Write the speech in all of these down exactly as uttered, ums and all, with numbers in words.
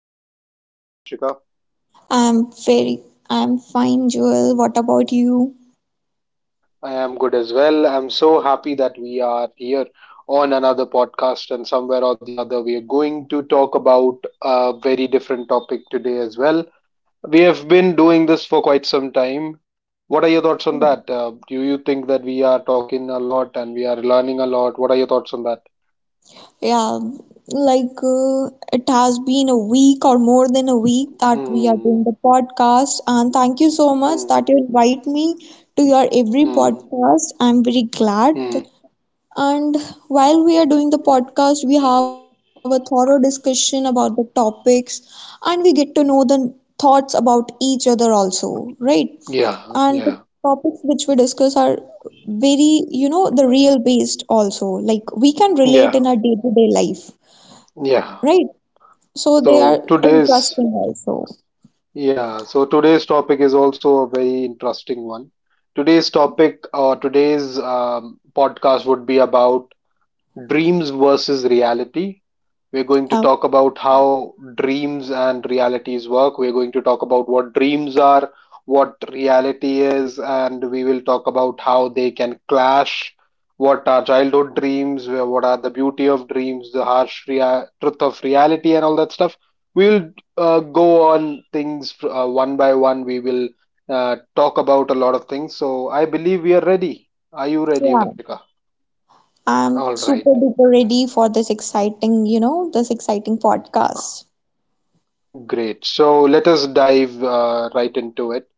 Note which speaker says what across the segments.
Speaker 1: with us. How are you, Vanshika?
Speaker 2: I'm very, I'm fine, Joel. What about you?
Speaker 1: I am good as well. I'm so happy that we are here on another podcast, and somewhere or the other, we are going to talk about a very different topic today as well. We have been doing this for quite some time. What are your thoughts on that? Uh, do you think that we are talking a lot and we are learning a lot? What are your thoughts on that?
Speaker 2: Yeah, like uh, it has been a week or more than a week that we are
Speaker 1: Hmm.
Speaker 2: doing the podcast, and thank you so much
Speaker 1: Mm,
Speaker 2: that you invite me to your every
Speaker 1: mm,
Speaker 2: podcast. I'm very glad.
Speaker 1: mm.
Speaker 2: And while we are doing the podcast, we have a thorough discussion about the topics, and we get to know the thoughts about each other also, right?
Speaker 1: Yeah,
Speaker 2: And the
Speaker 1: yeah,
Speaker 2: topics which we discuss are very, you know, the real based also. Like we can relate
Speaker 1: yeah,
Speaker 2: in our day-to-day life,
Speaker 1: yeah.
Speaker 2: right? So they are
Speaker 1: So today's,
Speaker 2: interesting also.
Speaker 1: yeah, so today's topic is also a very interesting one. Today's topic or today's um, podcast would be about dreams versus reality. We're going to
Speaker 2: Oh,
Speaker 1: talk about how dreams and realities work. We're going to talk about what dreams are, what reality is, and we will talk about how they can clash. What are childhood dreams? What are the beauty of dreams, the harsh rea- truth of reality, and all that stuff? We'll uh, go on things uh, one by one. We will uh, talk about a lot of things. So I believe we are ready. Are you ready,
Speaker 2: yeah.
Speaker 1: Vanchika?
Speaker 2: I'm
Speaker 1: All
Speaker 2: super
Speaker 1: right.
Speaker 2: duper ready for this exciting, you know, this exciting podcast.
Speaker 1: Great. So let us dive uh, right into it.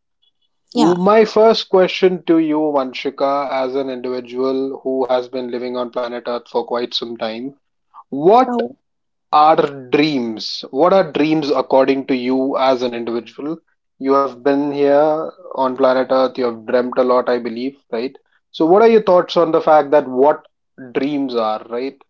Speaker 2: Yeah.
Speaker 1: My first question to you, Vanshika, as an individual who has been living on planet Earth for quite some time, what
Speaker 2: Oh.
Speaker 1: are dreams? What are dreams according to you as an individual? You have been here on planet Earth, you have dreamt a lot, I believe, right? So, what are your thoughts on the fact that what dreams are, right?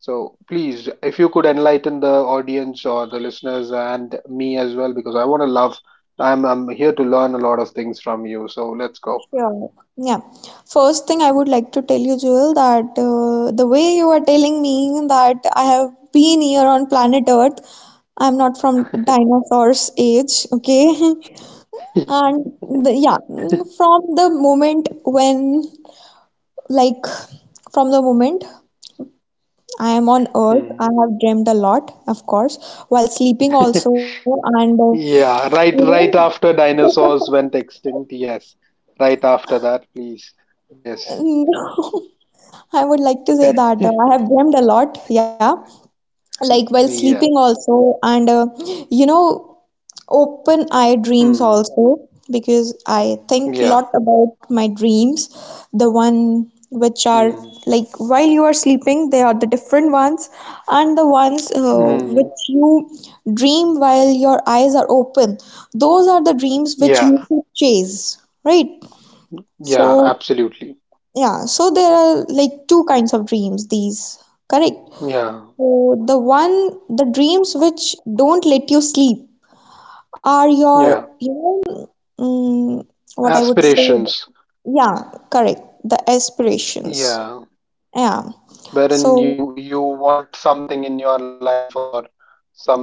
Speaker 1: So, please, if you could enlighten the audience or the listeners and me as well, because I want to love, I'm, I'm here to learn a lot of things from you. So, let's go.
Speaker 2: Yeah, Yeah. First thing I would like to tell you, Jewel, that uh, the way you are telling me that I have been here on planet Earth, I'm not from dinosaurs age, okay? And the, yeah, mm, from the moment when, like, from the moment I am on Earth,
Speaker 1: Hmm.
Speaker 2: I have dreamt a lot, of course, while sleeping also, and uh,
Speaker 1: Yeah, right,
Speaker 2: you
Speaker 1: right after
Speaker 2: know.
Speaker 1: dinosaurs went extinct. Yes, right after that, please. Yes.
Speaker 2: No, I would like to say that uh, I have dreamt a lot, yeah, like while sleeping
Speaker 1: Yeah.
Speaker 2: also and uh, you know open eye dreams
Speaker 1: Hmm.
Speaker 2: also, because I think a
Speaker 1: Yeah.
Speaker 2: lot about my dreams. The one which are
Speaker 1: Hmm.
Speaker 2: like while you are sleeping, they are the different ones, and the ones uh,
Speaker 1: Hmm.
Speaker 2: which you dream while your eyes are open, those are the dreams which
Speaker 1: Yeah.
Speaker 2: you should chase, right? so
Speaker 1: Yeah. Absolutely.
Speaker 2: yeah so there are like two kinds of dreams, these correct.
Speaker 1: Yeah.
Speaker 2: So the one, the dreams which don't let you sleep are your,
Speaker 1: Yeah.
Speaker 2: you know, mm, what I would say.
Speaker 1: Aspirations.
Speaker 2: Yeah, correct. The aspirations.
Speaker 1: Yeah.
Speaker 2: Yeah.
Speaker 1: Wherein
Speaker 2: So,
Speaker 1: you you want something in your life or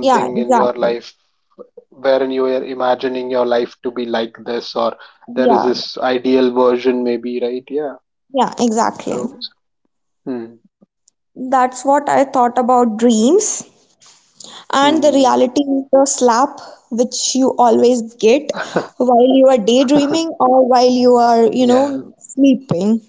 Speaker 2: yeah,
Speaker 1: in your
Speaker 2: exactly.
Speaker 1: life wherein you are imagining your life to be like this or there is
Speaker 2: Yeah,
Speaker 1: this ideal version maybe, right? Yeah,
Speaker 2: yeah, exactly.
Speaker 1: so… Hmm.
Speaker 2: That's what I thought about dreams. And the reality
Speaker 1: Hmm.
Speaker 2: is the slap which you always get while you are daydreaming or while you are, you
Speaker 1: Yeah.
Speaker 2: know, sleeping.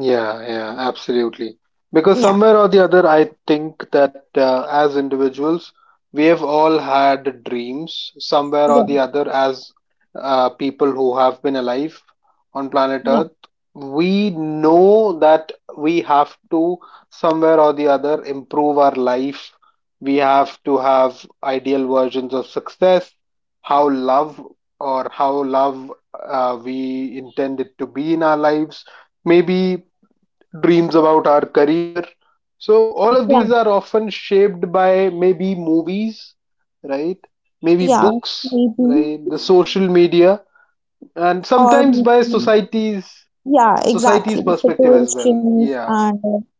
Speaker 1: Yeah, yeah, absolutely. Because
Speaker 2: Yeah,
Speaker 1: somewhere or the other, I think that uh, as individuals, we have all had dreams somewhere or the
Speaker 2: yeah,
Speaker 1: other, as uh, people who have been alive on planet
Speaker 2: yeah,
Speaker 1: Earth. We know that we have to, somewhere or the other, improve our life. We have to have ideal versions of success, how love or how love uh, we intend it to be in our lives, maybe dreams about our career. So, all of
Speaker 2: yeah.
Speaker 1: these are often shaped by maybe movies, right? Maybe
Speaker 2: Yeah,
Speaker 1: books,
Speaker 2: maybe.
Speaker 1: right? The social media, and
Speaker 2: Or
Speaker 1: sometimes by
Speaker 2: maybe,
Speaker 1: society's
Speaker 2: yeah, exactly.
Speaker 1: society's perspective as well.
Speaker 2: Situations
Speaker 1: Yeah,
Speaker 2: and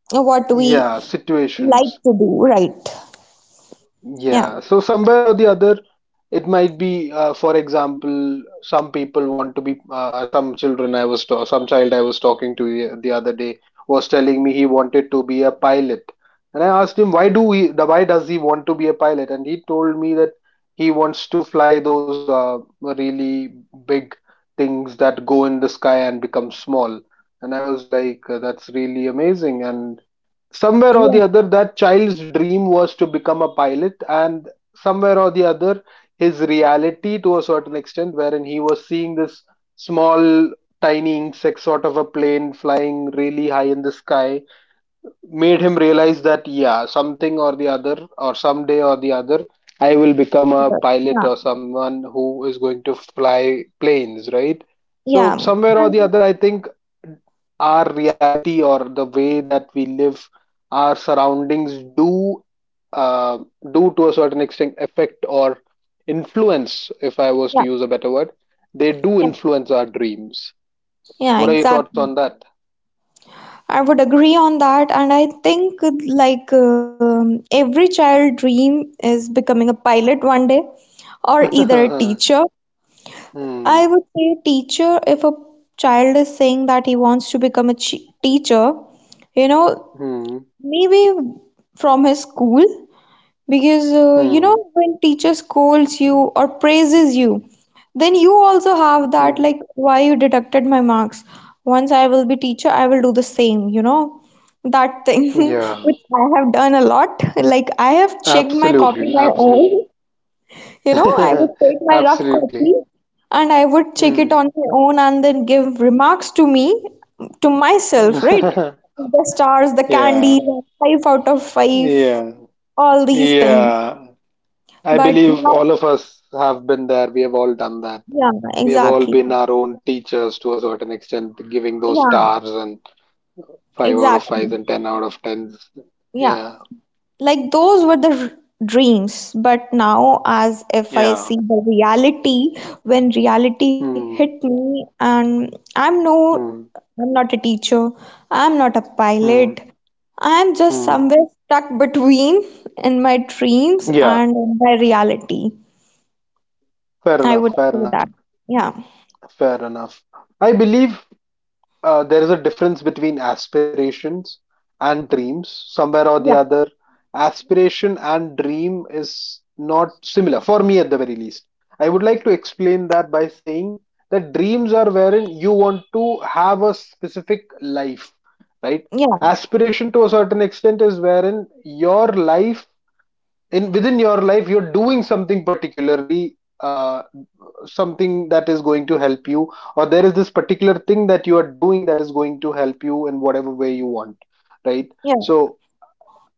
Speaker 2: uh, what we
Speaker 1: yeah,
Speaker 2: like
Speaker 1: situations.
Speaker 2: to do, right? Yeah.
Speaker 1: Yeah. So somewhere or the other, it might be, uh, for example, some people want to be, uh, some children I was, ta- some child I was talking to ye- the other day was telling me he wanted to be a pilot. And I asked him, why do he, the- why does he want to be a pilot? And he told me that he wants to fly those uh, really big things that go in the sky and become small. And I was like, uh, that's really amazing. And somewhere or the
Speaker 2: Yeah.
Speaker 1: other that child's dream was to become a pilot, and somewhere or the other his reality, to a certain extent, wherein he was seeing this small tiny insect sort of a plane flying really high in the sky, made him realize that yeah, something or the other or someday or the other I will become a pilot
Speaker 2: Yeah.
Speaker 1: or someone who is going to fly planes, right? So
Speaker 2: Yeah.
Speaker 1: somewhere or the
Speaker 2: And-
Speaker 1: other I think our reality or the way that we live, our surroundings do uh, do to a certain extent affect or influence, if I was to
Speaker 2: Yeah.
Speaker 1: use a better word, they do
Speaker 2: Yeah.
Speaker 1: influence our dreams.
Speaker 2: Yeah,
Speaker 1: What are your thoughts
Speaker 2: exactly.
Speaker 1: on that?
Speaker 2: I would agree on that. And I think uh, like um, every child dream is becoming a pilot one day or either a teacher. I
Speaker 1: hmm,
Speaker 2: would say teacher if a child is saying that he wants to become a chi- teacher, you know.
Speaker 1: hmm,
Speaker 2: Maybe from his school, because uh, you
Speaker 1: hmm.
Speaker 2: know, when teacher scolds you or praises you, then you also have that,
Speaker 1: Mm,
Speaker 2: like, why you deducted my marks. Once I will be teacher, I will do the same, you know, that thing
Speaker 1: Yeah,
Speaker 2: which I have done a lot. Like, I have checked my copy
Speaker 1: absolutely,
Speaker 2: my
Speaker 1: absolutely,
Speaker 2: own. You know, I would take my rough copy
Speaker 1: absolutely.
Speaker 2: and I would check it
Speaker 1: Mm.
Speaker 2: on my own and then give remarks to me, to myself, right? The stars, the
Speaker 1: Yeah,
Speaker 2: candies, five out of five,
Speaker 1: yeah,
Speaker 2: all these things.
Speaker 1: yeah. I
Speaker 2: But
Speaker 1: believe
Speaker 2: now,
Speaker 1: all of us have been there. We have all done that.
Speaker 2: yeah,
Speaker 1: We have all
Speaker 2: exactly.
Speaker 1: been our own teachers to a certain extent, giving those
Speaker 2: Yeah,
Speaker 1: stars and five out of fives
Speaker 2: exactly.
Speaker 1: and ten out of tens.
Speaker 2: Yeah.
Speaker 1: Yeah,
Speaker 2: Like those were the r- dreams, but now, as if I
Speaker 1: yeah.
Speaker 2: see the reality, when reality hit
Speaker 1: Mm,
Speaker 2: me, and I'm no,
Speaker 1: mm,
Speaker 2: I'm not a teacher, I'm not a pilot,
Speaker 1: mm,
Speaker 2: I'm just
Speaker 1: mm.
Speaker 2: somewhere stuck between in my dreams
Speaker 1: Yeah,
Speaker 2: and in my reality.
Speaker 1: fair
Speaker 2: I
Speaker 1: enough,
Speaker 2: would
Speaker 1: fair
Speaker 2: say
Speaker 1: enough,
Speaker 2: that. Yeah,
Speaker 1: fair enough. I believe uh, there is a difference between aspirations and dreams. Somewhere or the
Speaker 2: yeah,
Speaker 1: other, aspiration and dream is not similar, for me at the very least. I would like to explain that by saying that dreams are wherein you want to have a specific life, right?
Speaker 2: yeah,
Speaker 1: Aspiration, to a certain extent, is wherein your life, in within your life you're doing something particularly uh, something that is going to help you, or there is this particular thing that you are doing that is going to help you in whatever way you want, right?
Speaker 2: yeah,
Speaker 1: So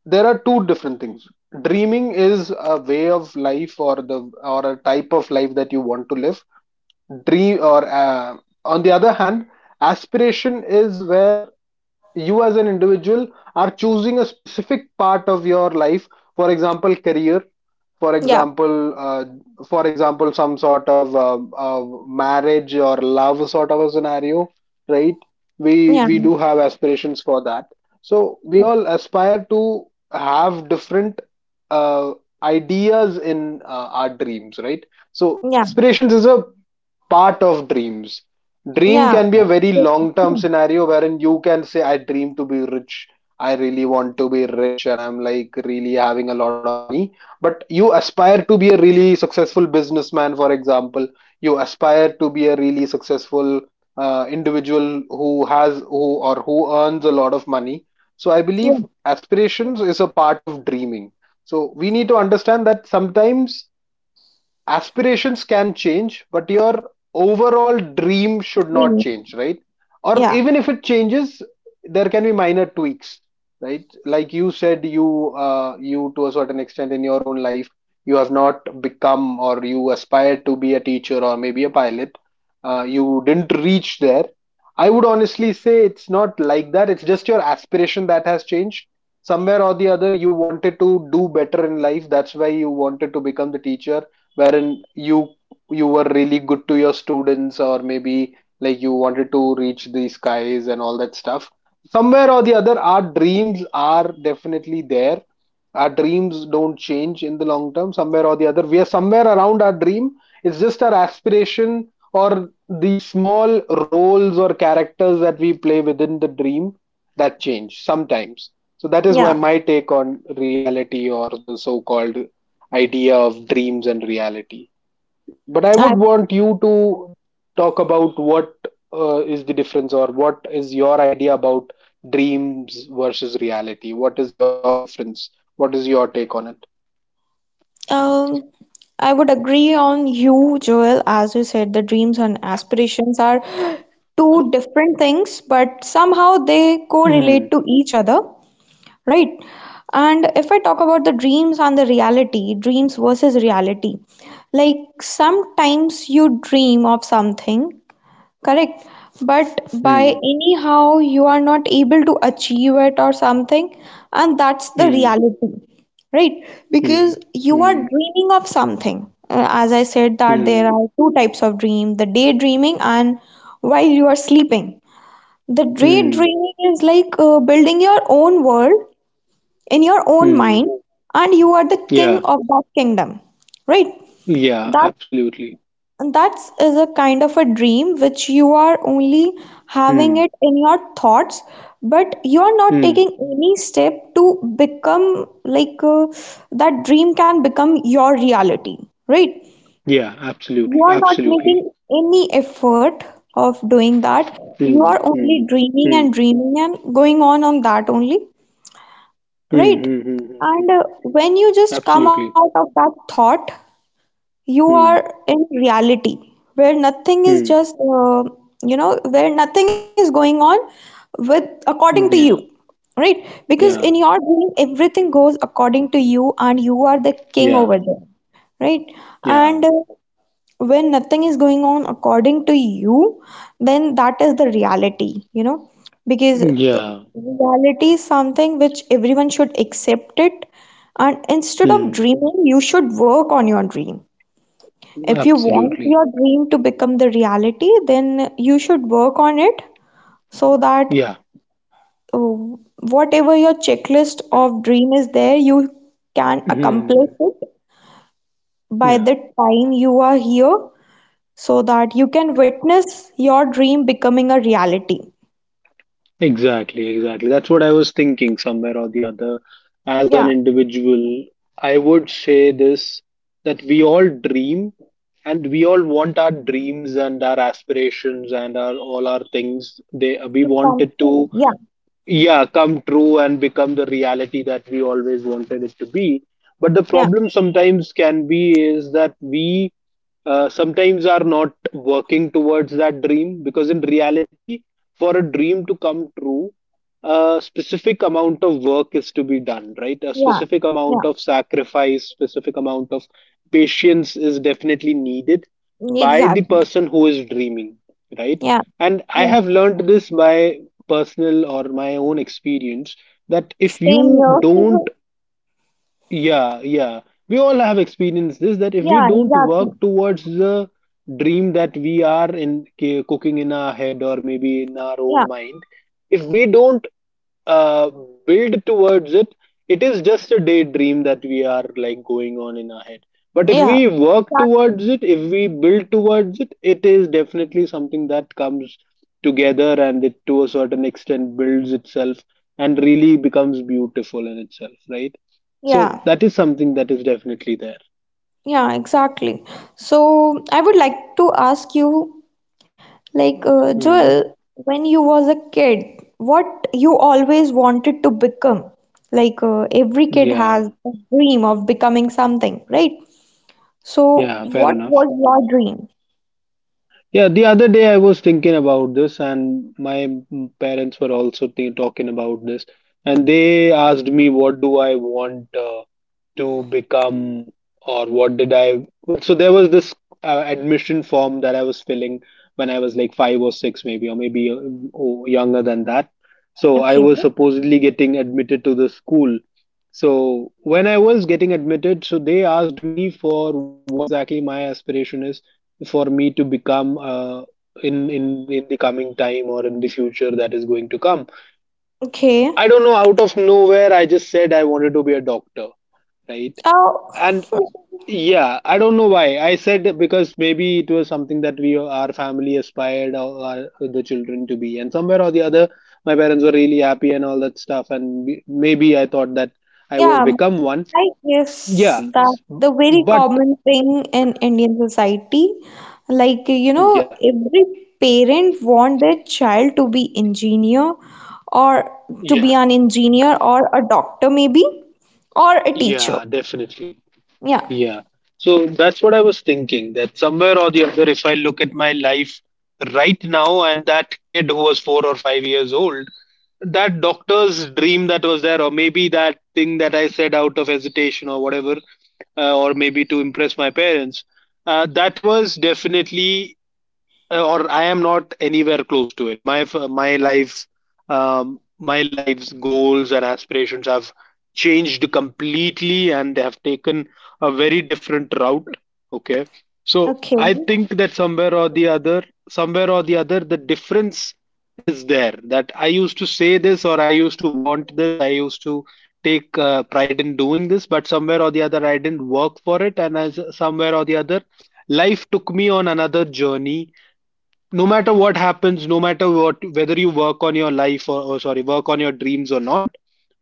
Speaker 1: there are two different things. Dreaming is a way of life, or the, or a type of life that you want to live. Dream or uh, On the other hand, aspiration is where you as an individual are choosing a specific part of your life, for example career, for
Speaker 2: yeah,
Speaker 1: example uh, for example some sort of uh, uh, marriage or love sort of a scenario, right? we
Speaker 2: yeah,
Speaker 1: we do have aspirations for that. So we all aspire to have different uh, ideas in uh, our dreams, right? So
Speaker 2: yeah,
Speaker 1: aspirations is a part of dreams. Dream
Speaker 2: yeah,
Speaker 1: can be a very long term scenario wherein you can say, I dream to be rich. I really want to be rich and I'm like really having a lot of money. But you aspire to be a really successful businessman, for example. You aspire to be a really successful uh, individual who has who or who earns a lot of money. So I
Speaker 2: yeah,
Speaker 1: believe
Speaker 2: yeah,
Speaker 1: aspirations is a part of dreaming. So we need to understand that sometimes aspirations can change but your overall dream should not
Speaker 2: yeah,
Speaker 1: change, right? Or
Speaker 2: yeah,
Speaker 1: even if it changes, there can be minor tweaks, right? Like you said, you uh, you to a certain extent in your own life, you have not become, or you aspired to be a teacher or maybe a pilot, uh, you didn't reach there. I would honestly say it's not like that, it's just your aspiration that has changed. Somewhere or the other you wanted to do better in life, that's why you wanted to become the teacher, wherein you you were really good to your students, or maybe like you wanted to reach the skies and all that stuff. Somewhere or the other our dreams are definitely there. Our dreams don't change in the long term, somewhere or the other we are somewhere around our dream. It's just our aspiration or the small roles or characters that we play within the dream that change sometimes. So that is
Speaker 2: yeah.
Speaker 1: why my take on reality or the so called idea of dreams and reality. But I
Speaker 2: yeah.
Speaker 1: would want you to talk about what uh, is the difference or what is your idea about dreams versus reality? What is your difference? What is your take on it?
Speaker 2: Um, I would agree on you, Joel. As you said, the dreams and aspirations are two different things, but somehow they correlate
Speaker 1: Mm,
Speaker 2: to each other, right? And if I talk about the dreams and the reality, dreams versus reality, like sometimes you dream of something. Correct. But by
Speaker 1: mm,
Speaker 2: anyhow, you are not able to achieve it or something, and that's the
Speaker 1: mm,
Speaker 2: reality, right? Because
Speaker 1: mm,
Speaker 2: you are
Speaker 1: mm,
Speaker 2: dreaming of something. Uh, As I said, that there
Speaker 1: mm,
Speaker 2: are two types of dream, the daydreaming and while you are sleeping. The
Speaker 1: mm,
Speaker 2: daydreaming is like uh, building your own world in your own
Speaker 1: mm.
Speaker 2: mind, and you are the king
Speaker 1: Yeah,
Speaker 2: of that kingdom, right?
Speaker 1: yeah,
Speaker 2: That's
Speaker 1: absolutely.
Speaker 2: and that is a kind of a dream which you are only having
Speaker 1: Mm,
Speaker 2: it in your thoughts, but you are not
Speaker 1: mm,
Speaker 2: taking any step to become like uh, that dream can become your reality, right?
Speaker 1: yeah,
Speaker 2: You
Speaker 1: absolutely,
Speaker 2: are not
Speaker 1: absolutely.
Speaker 2: making any effort of doing that. You
Speaker 1: Mm,
Speaker 2: are
Speaker 1: mm,
Speaker 2: only
Speaker 1: mm,
Speaker 2: dreaming
Speaker 1: mm,
Speaker 2: and dreaming and going on on that only,
Speaker 1: mm,
Speaker 2: right?
Speaker 1: mm, mm, mm,
Speaker 2: And uh, when you just come out
Speaker 1: absolutely.
Speaker 2: of that thought, you are
Speaker 1: Mm,
Speaker 2: in reality where nothing is
Speaker 1: mm.
Speaker 2: just uh, you know where nothing is going on with according to you,
Speaker 1: Yeah,
Speaker 2: right? Because in
Speaker 1: yeah,
Speaker 2: your dream everything goes according to you and you are the king
Speaker 1: yeah,
Speaker 2: over there, right?
Speaker 1: yeah,
Speaker 2: And uh, when nothing is going on according to you, then that is the reality, you know, because uh,
Speaker 1: yeah.
Speaker 2: reality is something which everyone should accept it, and instead of
Speaker 1: Mm,
Speaker 2: dreaming you should work on your dream. If you want
Speaker 1: absolutely.
Speaker 2: your dream to become the reality, then you should work on it, so that
Speaker 1: Yeah.
Speaker 2: uh, whatever your checklist of dream is there, you can accomplish
Speaker 1: Mm,
Speaker 2: it by
Speaker 1: yeah,
Speaker 2: the time you are here, so that you can witness your dream becoming a reality.
Speaker 1: exactly, exactly. That's what I was thinking somewhere or the other. As an
Speaker 2: Yeah,
Speaker 1: individual, I would say this, that we all dream and we all want our dreams and our aspirations and our all our things. They We
Speaker 2: to
Speaker 1: want
Speaker 2: come
Speaker 1: it
Speaker 2: true.
Speaker 1: to
Speaker 2: Yeah,
Speaker 1: yeah come true and become the reality that we always wanted it to be. But the
Speaker 2: yeah,
Speaker 1: problem sometimes can be is that we uh, sometimes are not working towards that dream, because in reality, for a dream to come true, a specific amount of work is to be done, right? A
Speaker 2: yeah,
Speaker 1: specific amount of sacrifice, specific amount of patience is definitely needed
Speaker 2: yeah,
Speaker 1: by the
Speaker 2: exactly.
Speaker 1: person who is dreaming, right?
Speaker 2: Yeah,
Speaker 1: And I
Speaker 2: yeah.
Speaker 1: have learned this by personal or my own experience, that if
Speaker 2: Same
Speaker 1: you
Speaker 2: here.
Speaker 1: don't… yeah, yeah, we all have experienced this, that if we
Speaker 2: Yeah,
Speaker 1: don't work
Speaker 2: exactly.
Speaker 1: towards the dream that we are in ca- cooking in our head or maybe in our
Speaker 2: Yeah,
Speaker 1: own mind, if we don't uh, build towards it, it is just a daydream that we are like going on in our head. But if
Speaker 2: yeah,
Speaker 1: we work
Speaker 2: exact-
Speaker 1: towards it, if we build towards it, it is definitely something that comes together and it to a certain extent builds itself and really becomes beautiful in itself, right? So
Speaker 2: yeah.
Speaker 1: that is something that is definitely there.
Speaker 2: Yeah, exactly. So I would like to ask you, like uh,
Speaker 1: Mm,
Speaker 2: Joel, when you was a kid, what you always wanted to become? Like uh, every kid
Speaker 1: yeah,
Speaker 2: has a dream of becoming something, right? So
Speaker 1: yeah, fair
Speaker 2: what
Speaker 1: enough.
Speaker 2: was your dream?
Speaker 1: Yeah, the other day I was thinking about this, and my mm, parents were also th- talking about this, and they asked me, "What do I want? Uh, to become, or what did I, but so there was this uh, admission form that I was filling when I was like five or six, maybe, or maybe uh, oh, younger than that." So I
Speaker 2: Okay.
Speaker 1: was supposedly getting admitted to the school, so when I was getting admitted, so they asked me for what exactly my aspiration is, for me to become, uh, in in in the coming time, or in the future that is going to come.
Speaker 2: Okay.
Speaker 1: I don't know, out of nowhere, I just said I wanted to be a doctor, right?
Speaker 2: Oh,
Speaker 1: And yeah, I don't know why. I said, because maybe it was something that we our family aspired our, our the children to be, and somewhere or the other, my parents were really happy and all that stuff, and b- maybe I thought that I would
Speaker 2: yeah.
Speaker 1: become one.
Speaker 2: I guess
Speaker 1: Yeah, s-
Speaker 2: that's the very
Speaker 1: but
Speaker 2: common thing in Indian society. Like, you know,
Speaker 1: yeah,
Speaker 2: every parent want their child to be engineer or to be
Speaker 1: yeah,
Speaker 2: an engineer or a doctor maybe or a teacher.
Speaker 1: yeah, definitely,
Speaker 2: Yeah.
Speaker 1: yeah. So that's what I was thinking, that somewhere or the other, if I look at my life right now and that kid who was four or five years old, that doctor's dream that was there, or maybe that thing that I said out of hesitation or whatever, uh, or maybe to impress my parents, uh, that was definitely, uh, or I am not anywhere close to it. My my life, um, my life's goals and aspirations have changed completely, and they have taken a very different route. Okay, so
Speaker 2: Okay.
Speaker 1: I think that somewhere or the other, somewhere or the other, the difference is there. That I used to say this, or I used to want this, I used to take uh, pride in doing this, but somewhere or the other, I didn't work for it, and as somewhere or the other, life took me on another journey. No matter what happens, no matter what, whether you work on your life, or, or sorry, work on your dreams or not,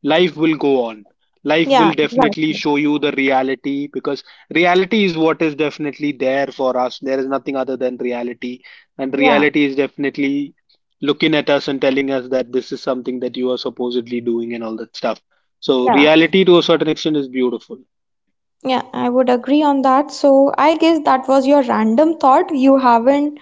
Speaker 1: life will go on. Life will
Speaker 2: Yeah. Yeah.
Speaker 1: definitely show you the reality, because reality is what is definitely there for us. There is nothing other than reality, and
Speaker 2: Yeah.
Speaker 1: reality is definitely looking at us and telling us that this is something that you are supposedly doing, and all that stuff.
Speaker 2: Yeah.
Speaker 1: So reality, to a certain extent, is beautiful.
Speaker 2: Yeah. I would agree on that. So I guess that was your random thought. You haven't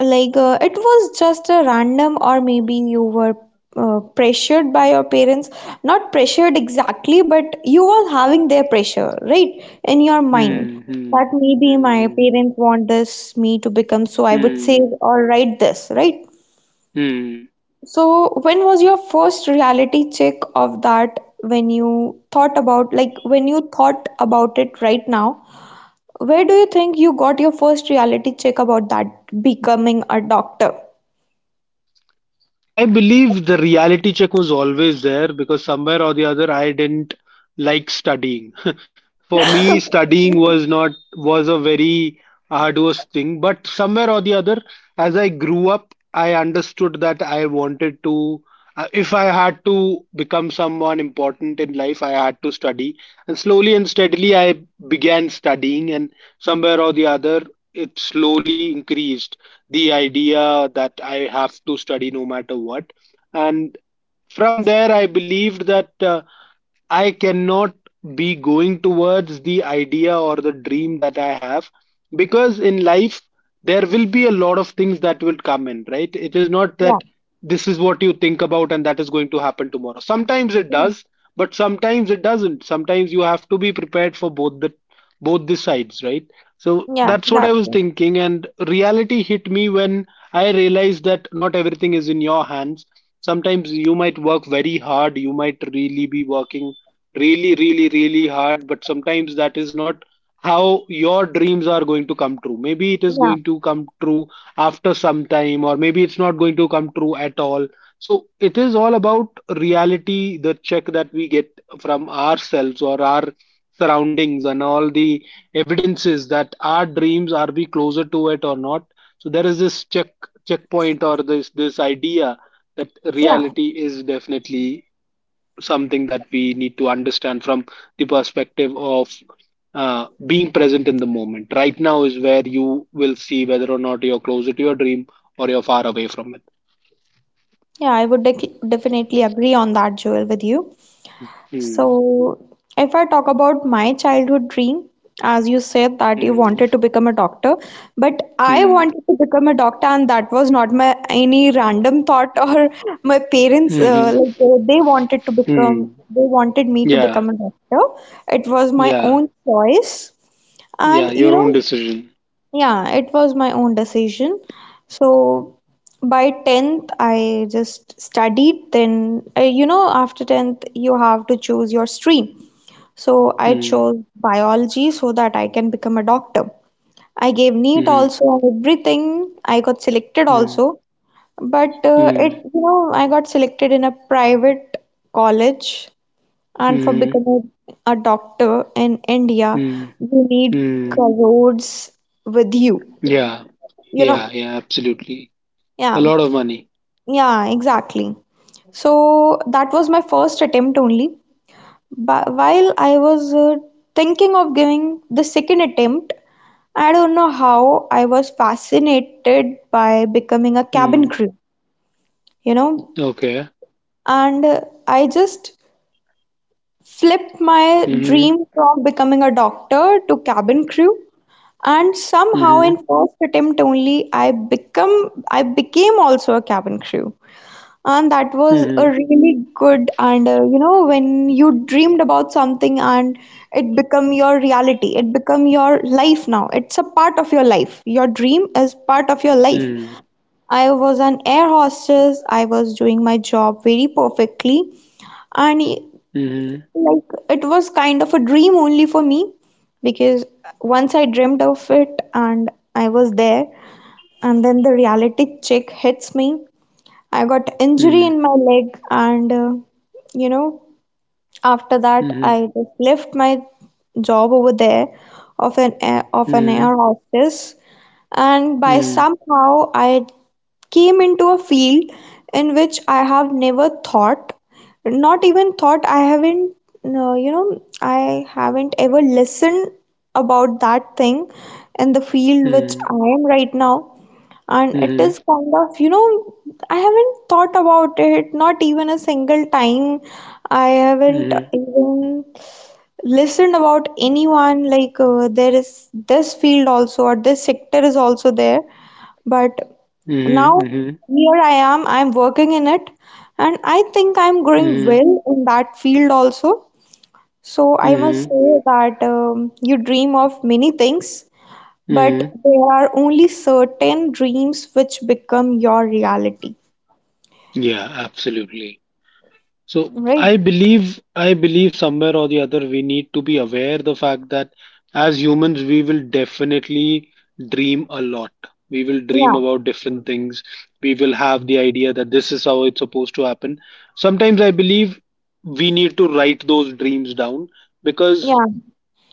Speaker 2: like uh, it was just a random or maybe you were uh, pressured by your parents, not pressured exactly, but you was having their pressure, right? In your mind
Speaker 1: Hmm. Hmm.
Speaker 2: that
Speaker 1: Hmm.
Speaker 2: maybe my
Speaker 1: Hmm.
Speaker 2: parents want this me to become, so I would say
Speaker 1: Hmm.
Speaker 2: or write this, right?
Speaker 1: Hmm.
Speaker 2: So when was your first reality check of that? When you thought about, like when you thought about it right now, where do you think you got your first reality check about that becoming a doctor?
Speaker 1: I believe the reality check was always there, because somewhere or the other I didn't like studying. For me, studying was not, was a very arduous thing, but somewhere or the other, as I grew up, I understood that I wanted to. uh, If I had to become someone important in life, I had to study. And slowly and steadily, I began studying, and somewhere or the other, it slowly increased the idea that I have to study no matter what. And from there, I believed that uh, I cannot be going towards the idea or the dream that I have, because in life there will be a lot of things that will come in, right? It is not that this is what you think about and that is going to happen tomorrow. Sometimes it
Speaker 2: Yeah,
Speaker 1: does, but sometimes it doesn't. Sometimes you have to be prepared for both the both the sides, right? So
Speaker 2: yeah,
Speaker 1: that's what I was
Speaker 2: exactly.
Speaker 1: thinking, and reality hit me when I realized that not everything is in your hands. Sometimes you might work very hard, you might really be working really, really, really hard, but sometimes that is not how your dreams are going to come true. Maybe it is
Speaker 2: Yeah,
Speaker 1: going to come true after some time, or maybe it's not going to come true at all. So it is all about reality, the check that we get from ourselves or our surroundings, and all the evidences that our dreams are, we closer to it or not. So there is this check, checkpoint, or this this idea that
Speaker 2: yeah,
Speaker 1: reality is definitely something that we need to understand from the perspective of uh, being present in the moment. Right now is where you will see whether or not you're closer to your dream, or you're far away from it.
Speaker 2: yeah. I would dec definitely agree on that, Joel, with you. So,
Speaker 1: Hmm.
Speaker 2: if I talk about my childhood dream, as you said that you
Speaker 1: Hmm.
Speaker 2: wanted to become a doctor, but I
Speaker 1: Hmm.
Speaker 2: wanted to become a doctor, and that was not my any random thought or my parents
Speaker 1: Mm-hmm.
Speaker 2: uh, like uh, they wanted to become
Speaker 1: Hmm.
Speaker 2: they wanted me to
Speaker 1: Yeah.
Speaker 2: become a doctor. It was my
Speaker 1: Yeah.
Speaker 2: own choice.
Speaker 1: Yeah.
Speaker 2: And you
Speaker 1: Your own
Speaker 2: know,
Speaker 1: decision.
Speaker 2: yeah, it was my own decision. So by tenth, I just studied. Then, uh, you know, after tenth, you have to choose your stream. So I
Speaker 1: Hmm.
Speaker 2: chose biology so that I can become a doctor. I gave NEET
Speaker 1: Hmm.
Speaker 2: also, everything. I got selected
Speaker 1: Hmm.
Speaker 2: also. But uh, it,
Speaker 1: Hmm.
Speaker 2: you know, I got selected in a private college. And for
Speaker 1: Hmm.
Speaker 2: becoming a doctor in India,
Speaker 1: Hmm.
Speaker 2: you need
Speaker 1: Hmm.
Speaker 2: crores with you,
Speaker 1: Yeah.
Speaker 2: you
Speaker 1: Yeah.
Speaker 2: know.
Speaker 1: Yeah. Absolutely. A
Speaker 2: Yeah,
Speaker 1: lot of money.
Speaker 2: yeah, exactly. So that was my first attempt only. But while I was uh, thinking of giving the second attempt, I don't know how I was fascinated by becoming a cabin
Speaker 1: Hmm.
Speaker 2: crew, you know,
Speaker 1: Okay.
Speaker 2: and uh, I just flipped my dream from becoming a doctor to cabin crew. And somehow, in
Speaker 1: Mhm,
Speaker 2: first attempt only, I become I became also a cabin crew. And that was a
Speaker 1: mhm,
Speaker 2: really good, and uh, you know, when you dreamed about something and it become your reality, it become your life now. It's a part of your life. Your dream is part of your life.
Speaker 1: mm,
Speaker 2: I was an air hostess. I was doing my job very perfectly, and
Speaker 1: mhm,
Speaker 2: like it was kind of a dream only for me, because once I dreamt of it and I was there, and then the reality check hits me. I got injury
Speaker 1: mm,
Speaker 2: in my leg, and uh, you know, after that,
Speaker 1: mhm,
Speaker 2: I just left my job over there of an air, of an
Speaker 1: mm,
Speaker 2: air hostess, and by
Speaker 1: mm,
Speaker 2: somehow I came into a field in which I have never thought, not even thought. I haven't, no, you know, I haven't ever listened about that thing in the field which
Speaker 1: mm,
Speaker 2: I am right now, and
Speaker 1: mhm,
Speaker 2: it
Speaker 1: mhm,
Speaker 2: is kind of, you know, I haven't thought about it not even a single time. I haven't
Speaker 1: mhm,
Speaker 2: even listened about anyone like uh, there is this field also or this sector is also there. But now
Speaker 1: mhm,
Speaker 2: here I am, I'm working in it, and I think I'm growing
Speaker 1: mhm,
Speaker 2: well in that field also. So I must
Speaker 1: mhm,
Speaker 2: say that um, you dream of many things, but
Speaker 1: mm.
Speaker 2: there are only certain dreams which become your reality,
Speaker 1: Yeah, absolutely. So
Speaker 2: right?
Speaker 1: I believe I believe somewhere or the other, we need to be aware the fact that as humans, we will definitely dream a lot. We will dream
Speaker 2: Yeah,
Speaker 1: about different things. We will have the idea that this is how it's supposed to happen. Sometimes I believe we need to write those dreams down, because
Speaker 2: yeah,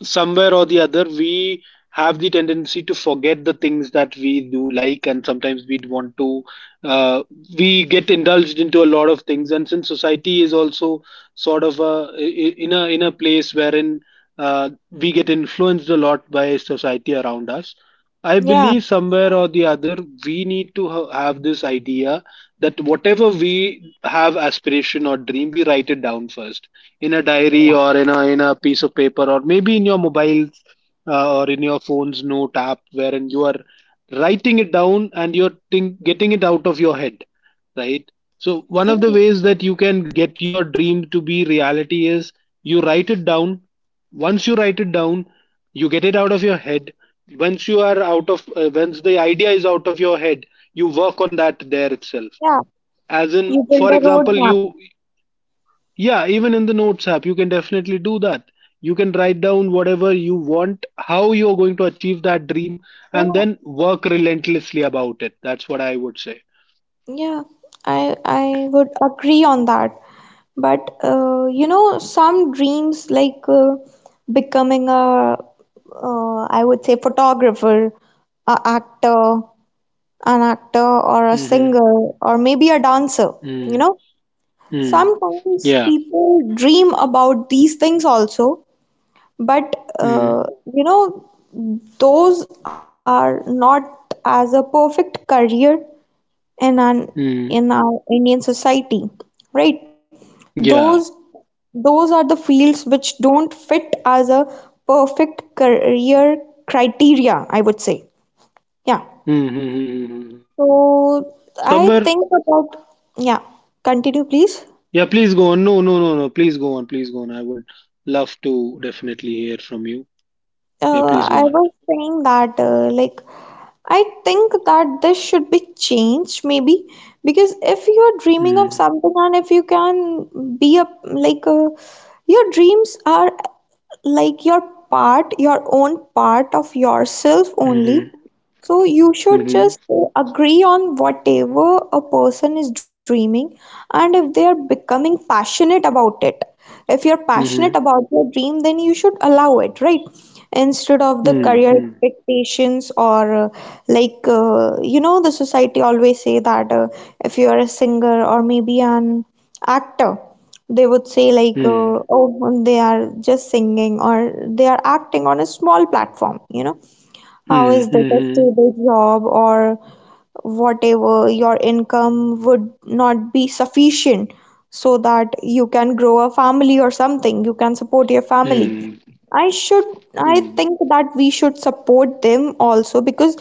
Speaker 1: somewhere or the other, we have the tendency to forget the things that we do like, and sometimes we want to, uh, we get indulged into a lot of things, and since society is also sort of a, in a in a place wherein uh, we get influenced a lot by society around us. I
Speaker 2: yeah,
Speaker 1: believe somewhere or the other, we need to ha- have this idea that whatever we have aspiration or dream, we write it down first in a diary, or in a in a piece of paper, or maybe in your mobiles, uh, or in your phone's note app, wherein you are writing it down, and you're think, getting it out of your head, right? So one of the
Speaker 2: yeah,
Speaker 1: ways that you can get your dream to be reality is you write it down. Once you write it down, you get it out of your head. Once you are out of, uh, once the idea is out of your head, you work on that there itself.
Speaker 2: yeah.
Speaker 1: As in,
Speaker 2: You build
Speaker 1: for
Speaker 2: a
Speaker 1: example, you,
Speaker 2: roadmap.
Speaker 1: yeah, even in the notes app, you can definitely do that. You can write down whatever you want, how you're going to achieve that dream,
Speaker 2: Yeah,
Speaker 1: and then work relentlessly about it. That's what I would say.
Speaker 2: yeah, i i would agree on that. But uh, you know some dreams like, uh, becoming a, uh, I would say, photographer, a actor an actor, or a
Speaker 1: Mm-hmm.
Speaker 2: singer, or maybe a dancer, you
Speaker 1: Mm,
Speaker 2: know.
Speaker 1: mm,
Speaker 2: Sometimes
Speaker 1: yeah.
Speaker 2: people dream about these things also, but
Speaker 1: Mm,
Speaker 2: uh, you know, those are not as a perfect career in an in
Speaker 1: mm,
Speaker 2: our Indian society, right? Those
Speaker 1: yeah.
Speaker 2: those are the fields which don't fit as a perfect career criteria, I would say. Yeah.
Speaker 1: Mm-hmm.
Speaker 2: So I
Speaker 1: Somewhere.
Speaker 2: think about, yeah, continue please.
Speaker 1: Yeah, please go on. No, no, no, no. Please go on. Please go on. I would love to definitely hear from you. Yeah, please
Speaker 2: Uh,
Speaker 1: go
Speaker 2: I
Speaker 1: on.
Speaker 2: was saying that, uh, like, I think that this should be changed, maybe, because if you're dreaming of
Speaker 1: Mm,
Speaker 2: something and if you can be a like, uh, your dreams are like your part, your own part of yourself only.
Speaker 1: mm-hmm.
Speaker 2: So you should
Speaker 1: Mm-hmm.
Speaker 2: just uh, agree on whatever a person is dreaming and if they are becoming passionate about it. If you're passionate
Speaker 1: Mm-hmm.
Speaker 2: about your dream, then you should allow it, right? Instead of the career
Speaker 1: Mm-hmm.
Speaker 2: expectations or, uh, like uh, you know the society always say that, uh, if you are a singer or maybe an actor, they would say like, uh, oh, they are just singing or they are acting on a small platform, you know, how is this a
Speaker 1: Mm-hmm.
Speaker 2: stable job or whatever? Your income would not be sufficient so that you can grow a family or something. You can support your family.
Speaker 1: Hmm.
Speaker 2: I should, I
Speaker 1: Hmm.
Speaker 2: think that we should support them also, because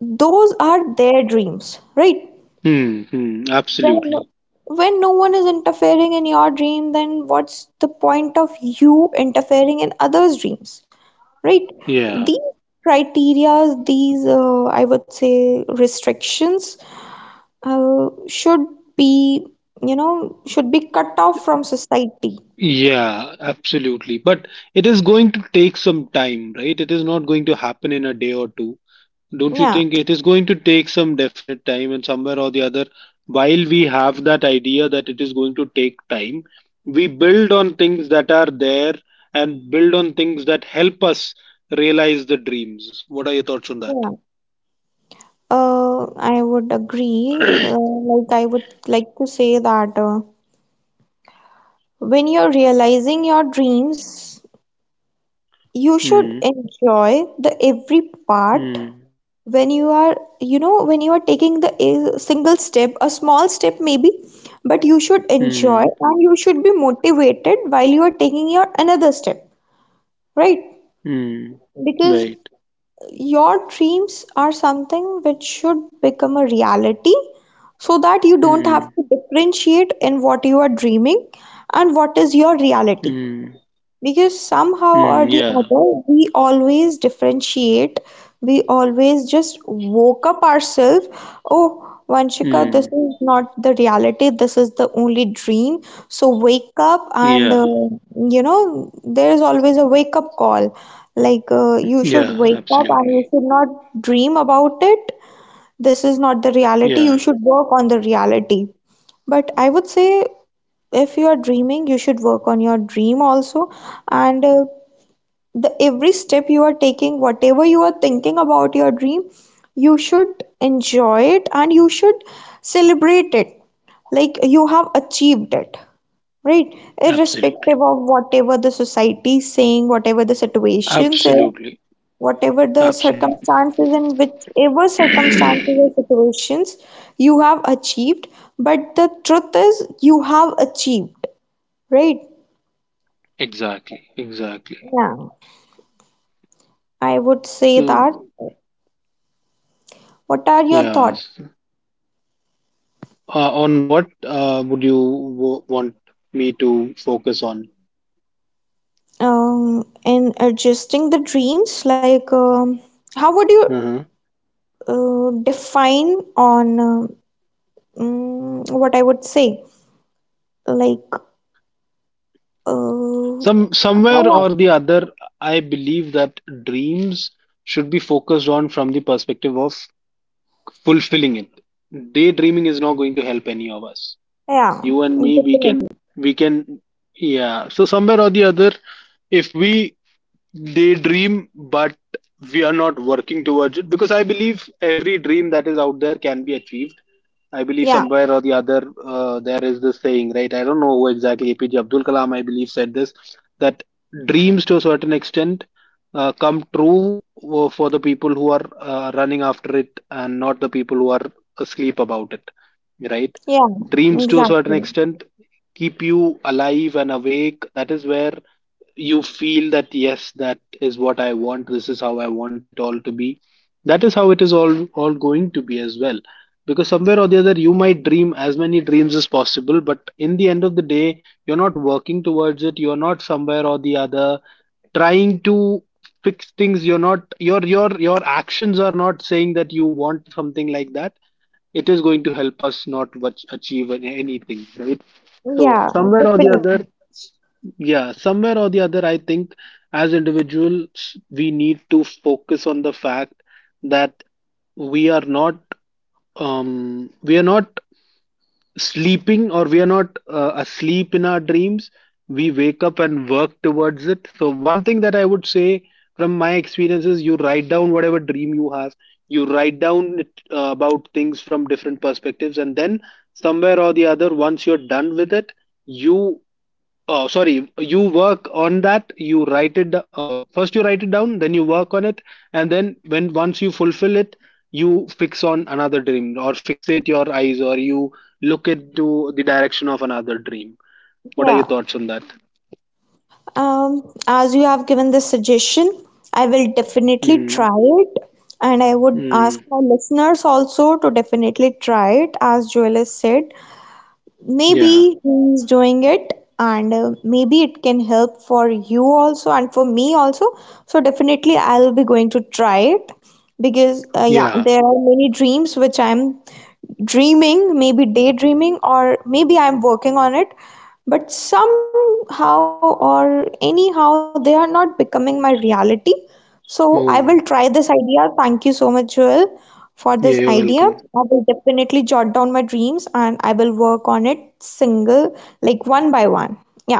Speaker 2: those are their dreams, right?
Speaker 1: Hmm. Hmm,
Speaker 2: When,
Speaker 1: absolutely.
Speaker 2: when no one is interfering in your dream, then what's the point of you interfering in others' dreams? Right?
Speaker 1: Yeah.
Speaker 2: These criteria, these, uh, I would say, restrictions uh, should be, you know, should be cut off from society.
Speaker 1: Yeah. Absolutely. But it is going to take some time, right? It is not going to happen in a day or two. Don't you
Speaker 2: Yeah,
Speaker 1: think it is going to take some definite time, and somewhere or the other? While we have that idea that it is going to take time, we build on things that are there, and build on things that help us realize the dreams. What are your thoughts on that?
Speaker 2: yeah. Uh, I would agree. Uh, like, I would like to say that uh, when you're realizing your dreams, you should
Speaker 1: Hmm.
Speaker 2: enjoy the every part
Speaker 1: Hmm.
Speaker 2: when you are, you know, when you are taking the a single step, a small step maybe, but you should enjoy
Speaker 1: Hmm.
Speaker 2: and you should be motivated while you are taking your another step, right?
Speaker 1: Hmm.
Speaker 2: Because
Speaker 1: Right.
Speaker 2: your dreams are something which should become a reality, so that you don't have
Speaker 1: Mm,
Speaker 2: to differentiate in what you are dreaming and what is your reality,
Speaker 1: mm,
Speaker 2: because somehow or
Speaker 1: mm,
Speaker 2: the
Speaker 1: yeah,
Speaker 2: other we always differentiate. We always just woke up ourselves, oh, Vanshika,
Speaker 1: mm,
Speaker 2: this is not the reality, this is the only dream, so wake up and,
Speaker 1: yeah,
Speaker 2: uh, you know there is always a wake up call, like, uh, you should
Speaker 1: yeah,
Speaker 2: wake up and you
Speaker 1: absolutely.
Speaker 2: should not dream about it. This is not the reality,
Speaker 1: Yeah,
Speaker 2: you should work on the reality. But I would say, if you are dreaming, you should work on your dream also. And uh, The every step you are taking, whatever you are thinking about your dream, you should enjoy it, and you should celebrate it like you have achieved it, right?
Speaker 1: absolutely.
Speaker 2: Irrespective of whatever the society is saying, whatever the situations is,
Speaker 1: Absolutely.
Speaker 2: whatever the
Speaker 1: Absolutely.
Speaker 2: circumstances, and whichever circumstances or situations, you have achieved. But the truth is you have achieved. Right?
Speaker 1: Exactly, exactly.
Speaker 2: Yeah, I would say
Speaker 1: So,
Speaker 2: that. What are your thoughts,
Speaker 1: yes. Uh, on what uh, would you w want me to focus on?
Speaker 2: um, in adjusting the dreams? Like, um, how would you,
Speaker 1: uh
Speaker 2: uh, define on, um, mm, what I would say? Like, uh,
Speaker 1: Some somewhere
Speaker 2: how
Speaker 1: or
Speaker 2: I-
Speaker 1: the other, I believe that dreams should be focused on from the perspective of fulfilling it. Daydreaming is not going to help any of us. You
Speaker 2: yeah,
Speaker 1: and me, we can
Speaker 2: definitely.
Speaker 1: we can yeah, so somewhere or the other, if we daydream, but we are not working towards it, because I believe every dream that is out there can be achieved. I believe
Speaker 2: Yeah,
Speaker 1: somewhere or the other, uh, there is this saying, right? I don't know who exactly, A P J Abdul Kalam, I believe, said this, that dreams, to a certain extent, uh, come true, uh, for the people who are uh, running after it, and not the people who are asleep about it, right?
Speaker 2: yeah,
Speaker 1: Dreams, to a certain
Speaker 2: exactly.
Speaker 1: extent, keep you alive and awake. That is where you feel that yes, that is what I want, this is how I want it all to be, that is how it is all all going to be as well, because somewhere or the other, you might dream as many dreams as possible, but in the end of the day, you're not working towards it, you're not somewhere or the other trying to fix things, you're not, your your your actions are not saying that you want something like that. It is going to help us not much achieve anything, right? So
Speaker 2: Yeah,
Speaker 1: somewhere or the
Speaker 2: definitely.
Speaker 1: other, yeah, somewhere or the other, I think as individuals, we need to focus on the fact that we are not, um, we are not sleeping, or we are not uh, asleep in our dreams. We wake up and work towards it. So one thing that I would say from my experience is you write down whatever dream you have. You write down it, uh, about things from different perspectives, and then somewhere or the other, once you're done with it, you, oh, sorry, you work on that. You write it. D- Uh, first, you write it down. Then you work on it, and then when once you fulfill it, you fix on another dream, or fixate your eyes, or you look into the direction of another dream. What are your
Speaker 2: Yeah.
Speaker 1: thoughts on that?
Speaker 2: Um, as you have given this suggestion, I will definitely
Speaker 1: Mm-hmm.
Speaker 2: try it. And I would
Speaker 1: Mm.
Speaker 2: ask my listeners also to definitely try it, as Joel has said.
Speaker 1: Yeah.
Speaker 2: Maybe he's doing it, and uh, maybe it can help for you also and for me also. So, definitely, I'll be going to try it, because, uh, yeah,
Speaker 1: Yeah.
Speaker 2: there are many dreams which I'm dreaming, maybe daydreaming, or maybe I'm working on it, but somehow or anyhow, they are not becoming my reality. So I will try
Speaker 1: Oh.
Speaker 2: this idea. Thank you so much, Joel, for this
Speaker 1: Yeah.
Speaker 2: idea.
Speaker 1: You're
Speaker 2: I
Speaker 1: welcome.
Speaker 2: will definitely jot down my dreams and I will work on it single, like one by one. Yeah.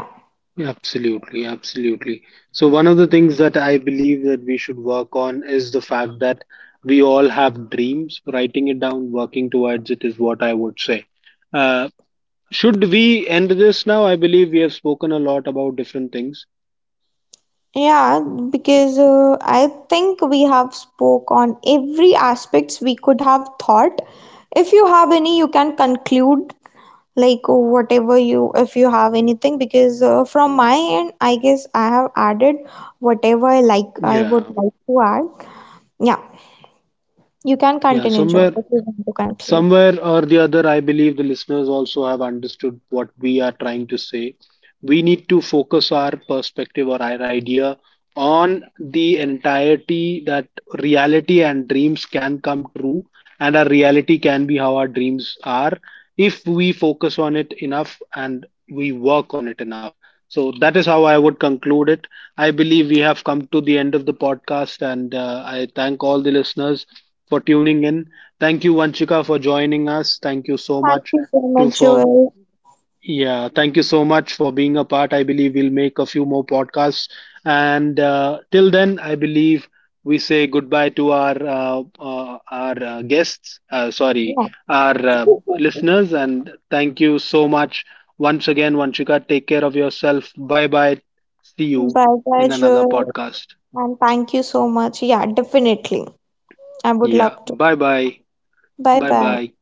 Speaker 1: Absolutely, absolutely. So, one of the things that I believe that we should work on is the fact that we all have dreams. Writing it down, working towards it, is what I would say. Uh, should we end this now? I believe we have spoken a lot about different things.
Speaker 2: Yeah, because uh, I think we have spoke on every aspects we could have thought. If you have any, you can conclude, like whatever you, if you have anything, because uh, from my end, I guess I have added whatever i like i would
Speaker 1: Yeah,
Speaker 2: like to add. Yeah, you can
Speaker 1: yeah,
Speaker 2: continue, Joel,
Speaker 1: somewhere
Speaker 2: if you want to conclude.
Speaker 1: Somewhere or the other, I believe the listeners also have understood what we are trying to say. We need to focus our perspective or our idea on the entirety, that reality and dreams can come true, and our reality can be how our dreams are, if we focus on it enough and we work on it enough. So that is how I would conclude it. I believe we have come to the end of the podcast, and uh, I thank all the listeners for tuning in. Thank you, Vanchika, for joining us. Thank you so
Speaker 2: Thank
Speaker 1: much
Speaker 2: you so much,
Speaker 1: to for
Speaker 2: Joel.
Speaker 1: Yeah. Thank you so much for being a part. I believe we'll make a few more podcasts, and uh, till then, I believe we say goodbye to our uh, uh, our uh, guests. Uh, sorry, our uh,
Speaker 2: Yeah.
Speaker 1: listeners, and thank you so much once again, Vanchika. Take care of yourself. Bye bye. See you
Speaker 2: Bye bye,
Speaker 1: in another
Speaker 2: Joel,
Speaker 1: podcast.
Speaker 2: and thank you so much. Yeah, definitely, I would
Speaker 1: Yeah.
Speaker 2: love to.
Speaker 1: Bye bye.
Speaker 2: Bye
Speaker 1: Bye
Speaker 2: bye.
Speaker 1: bye.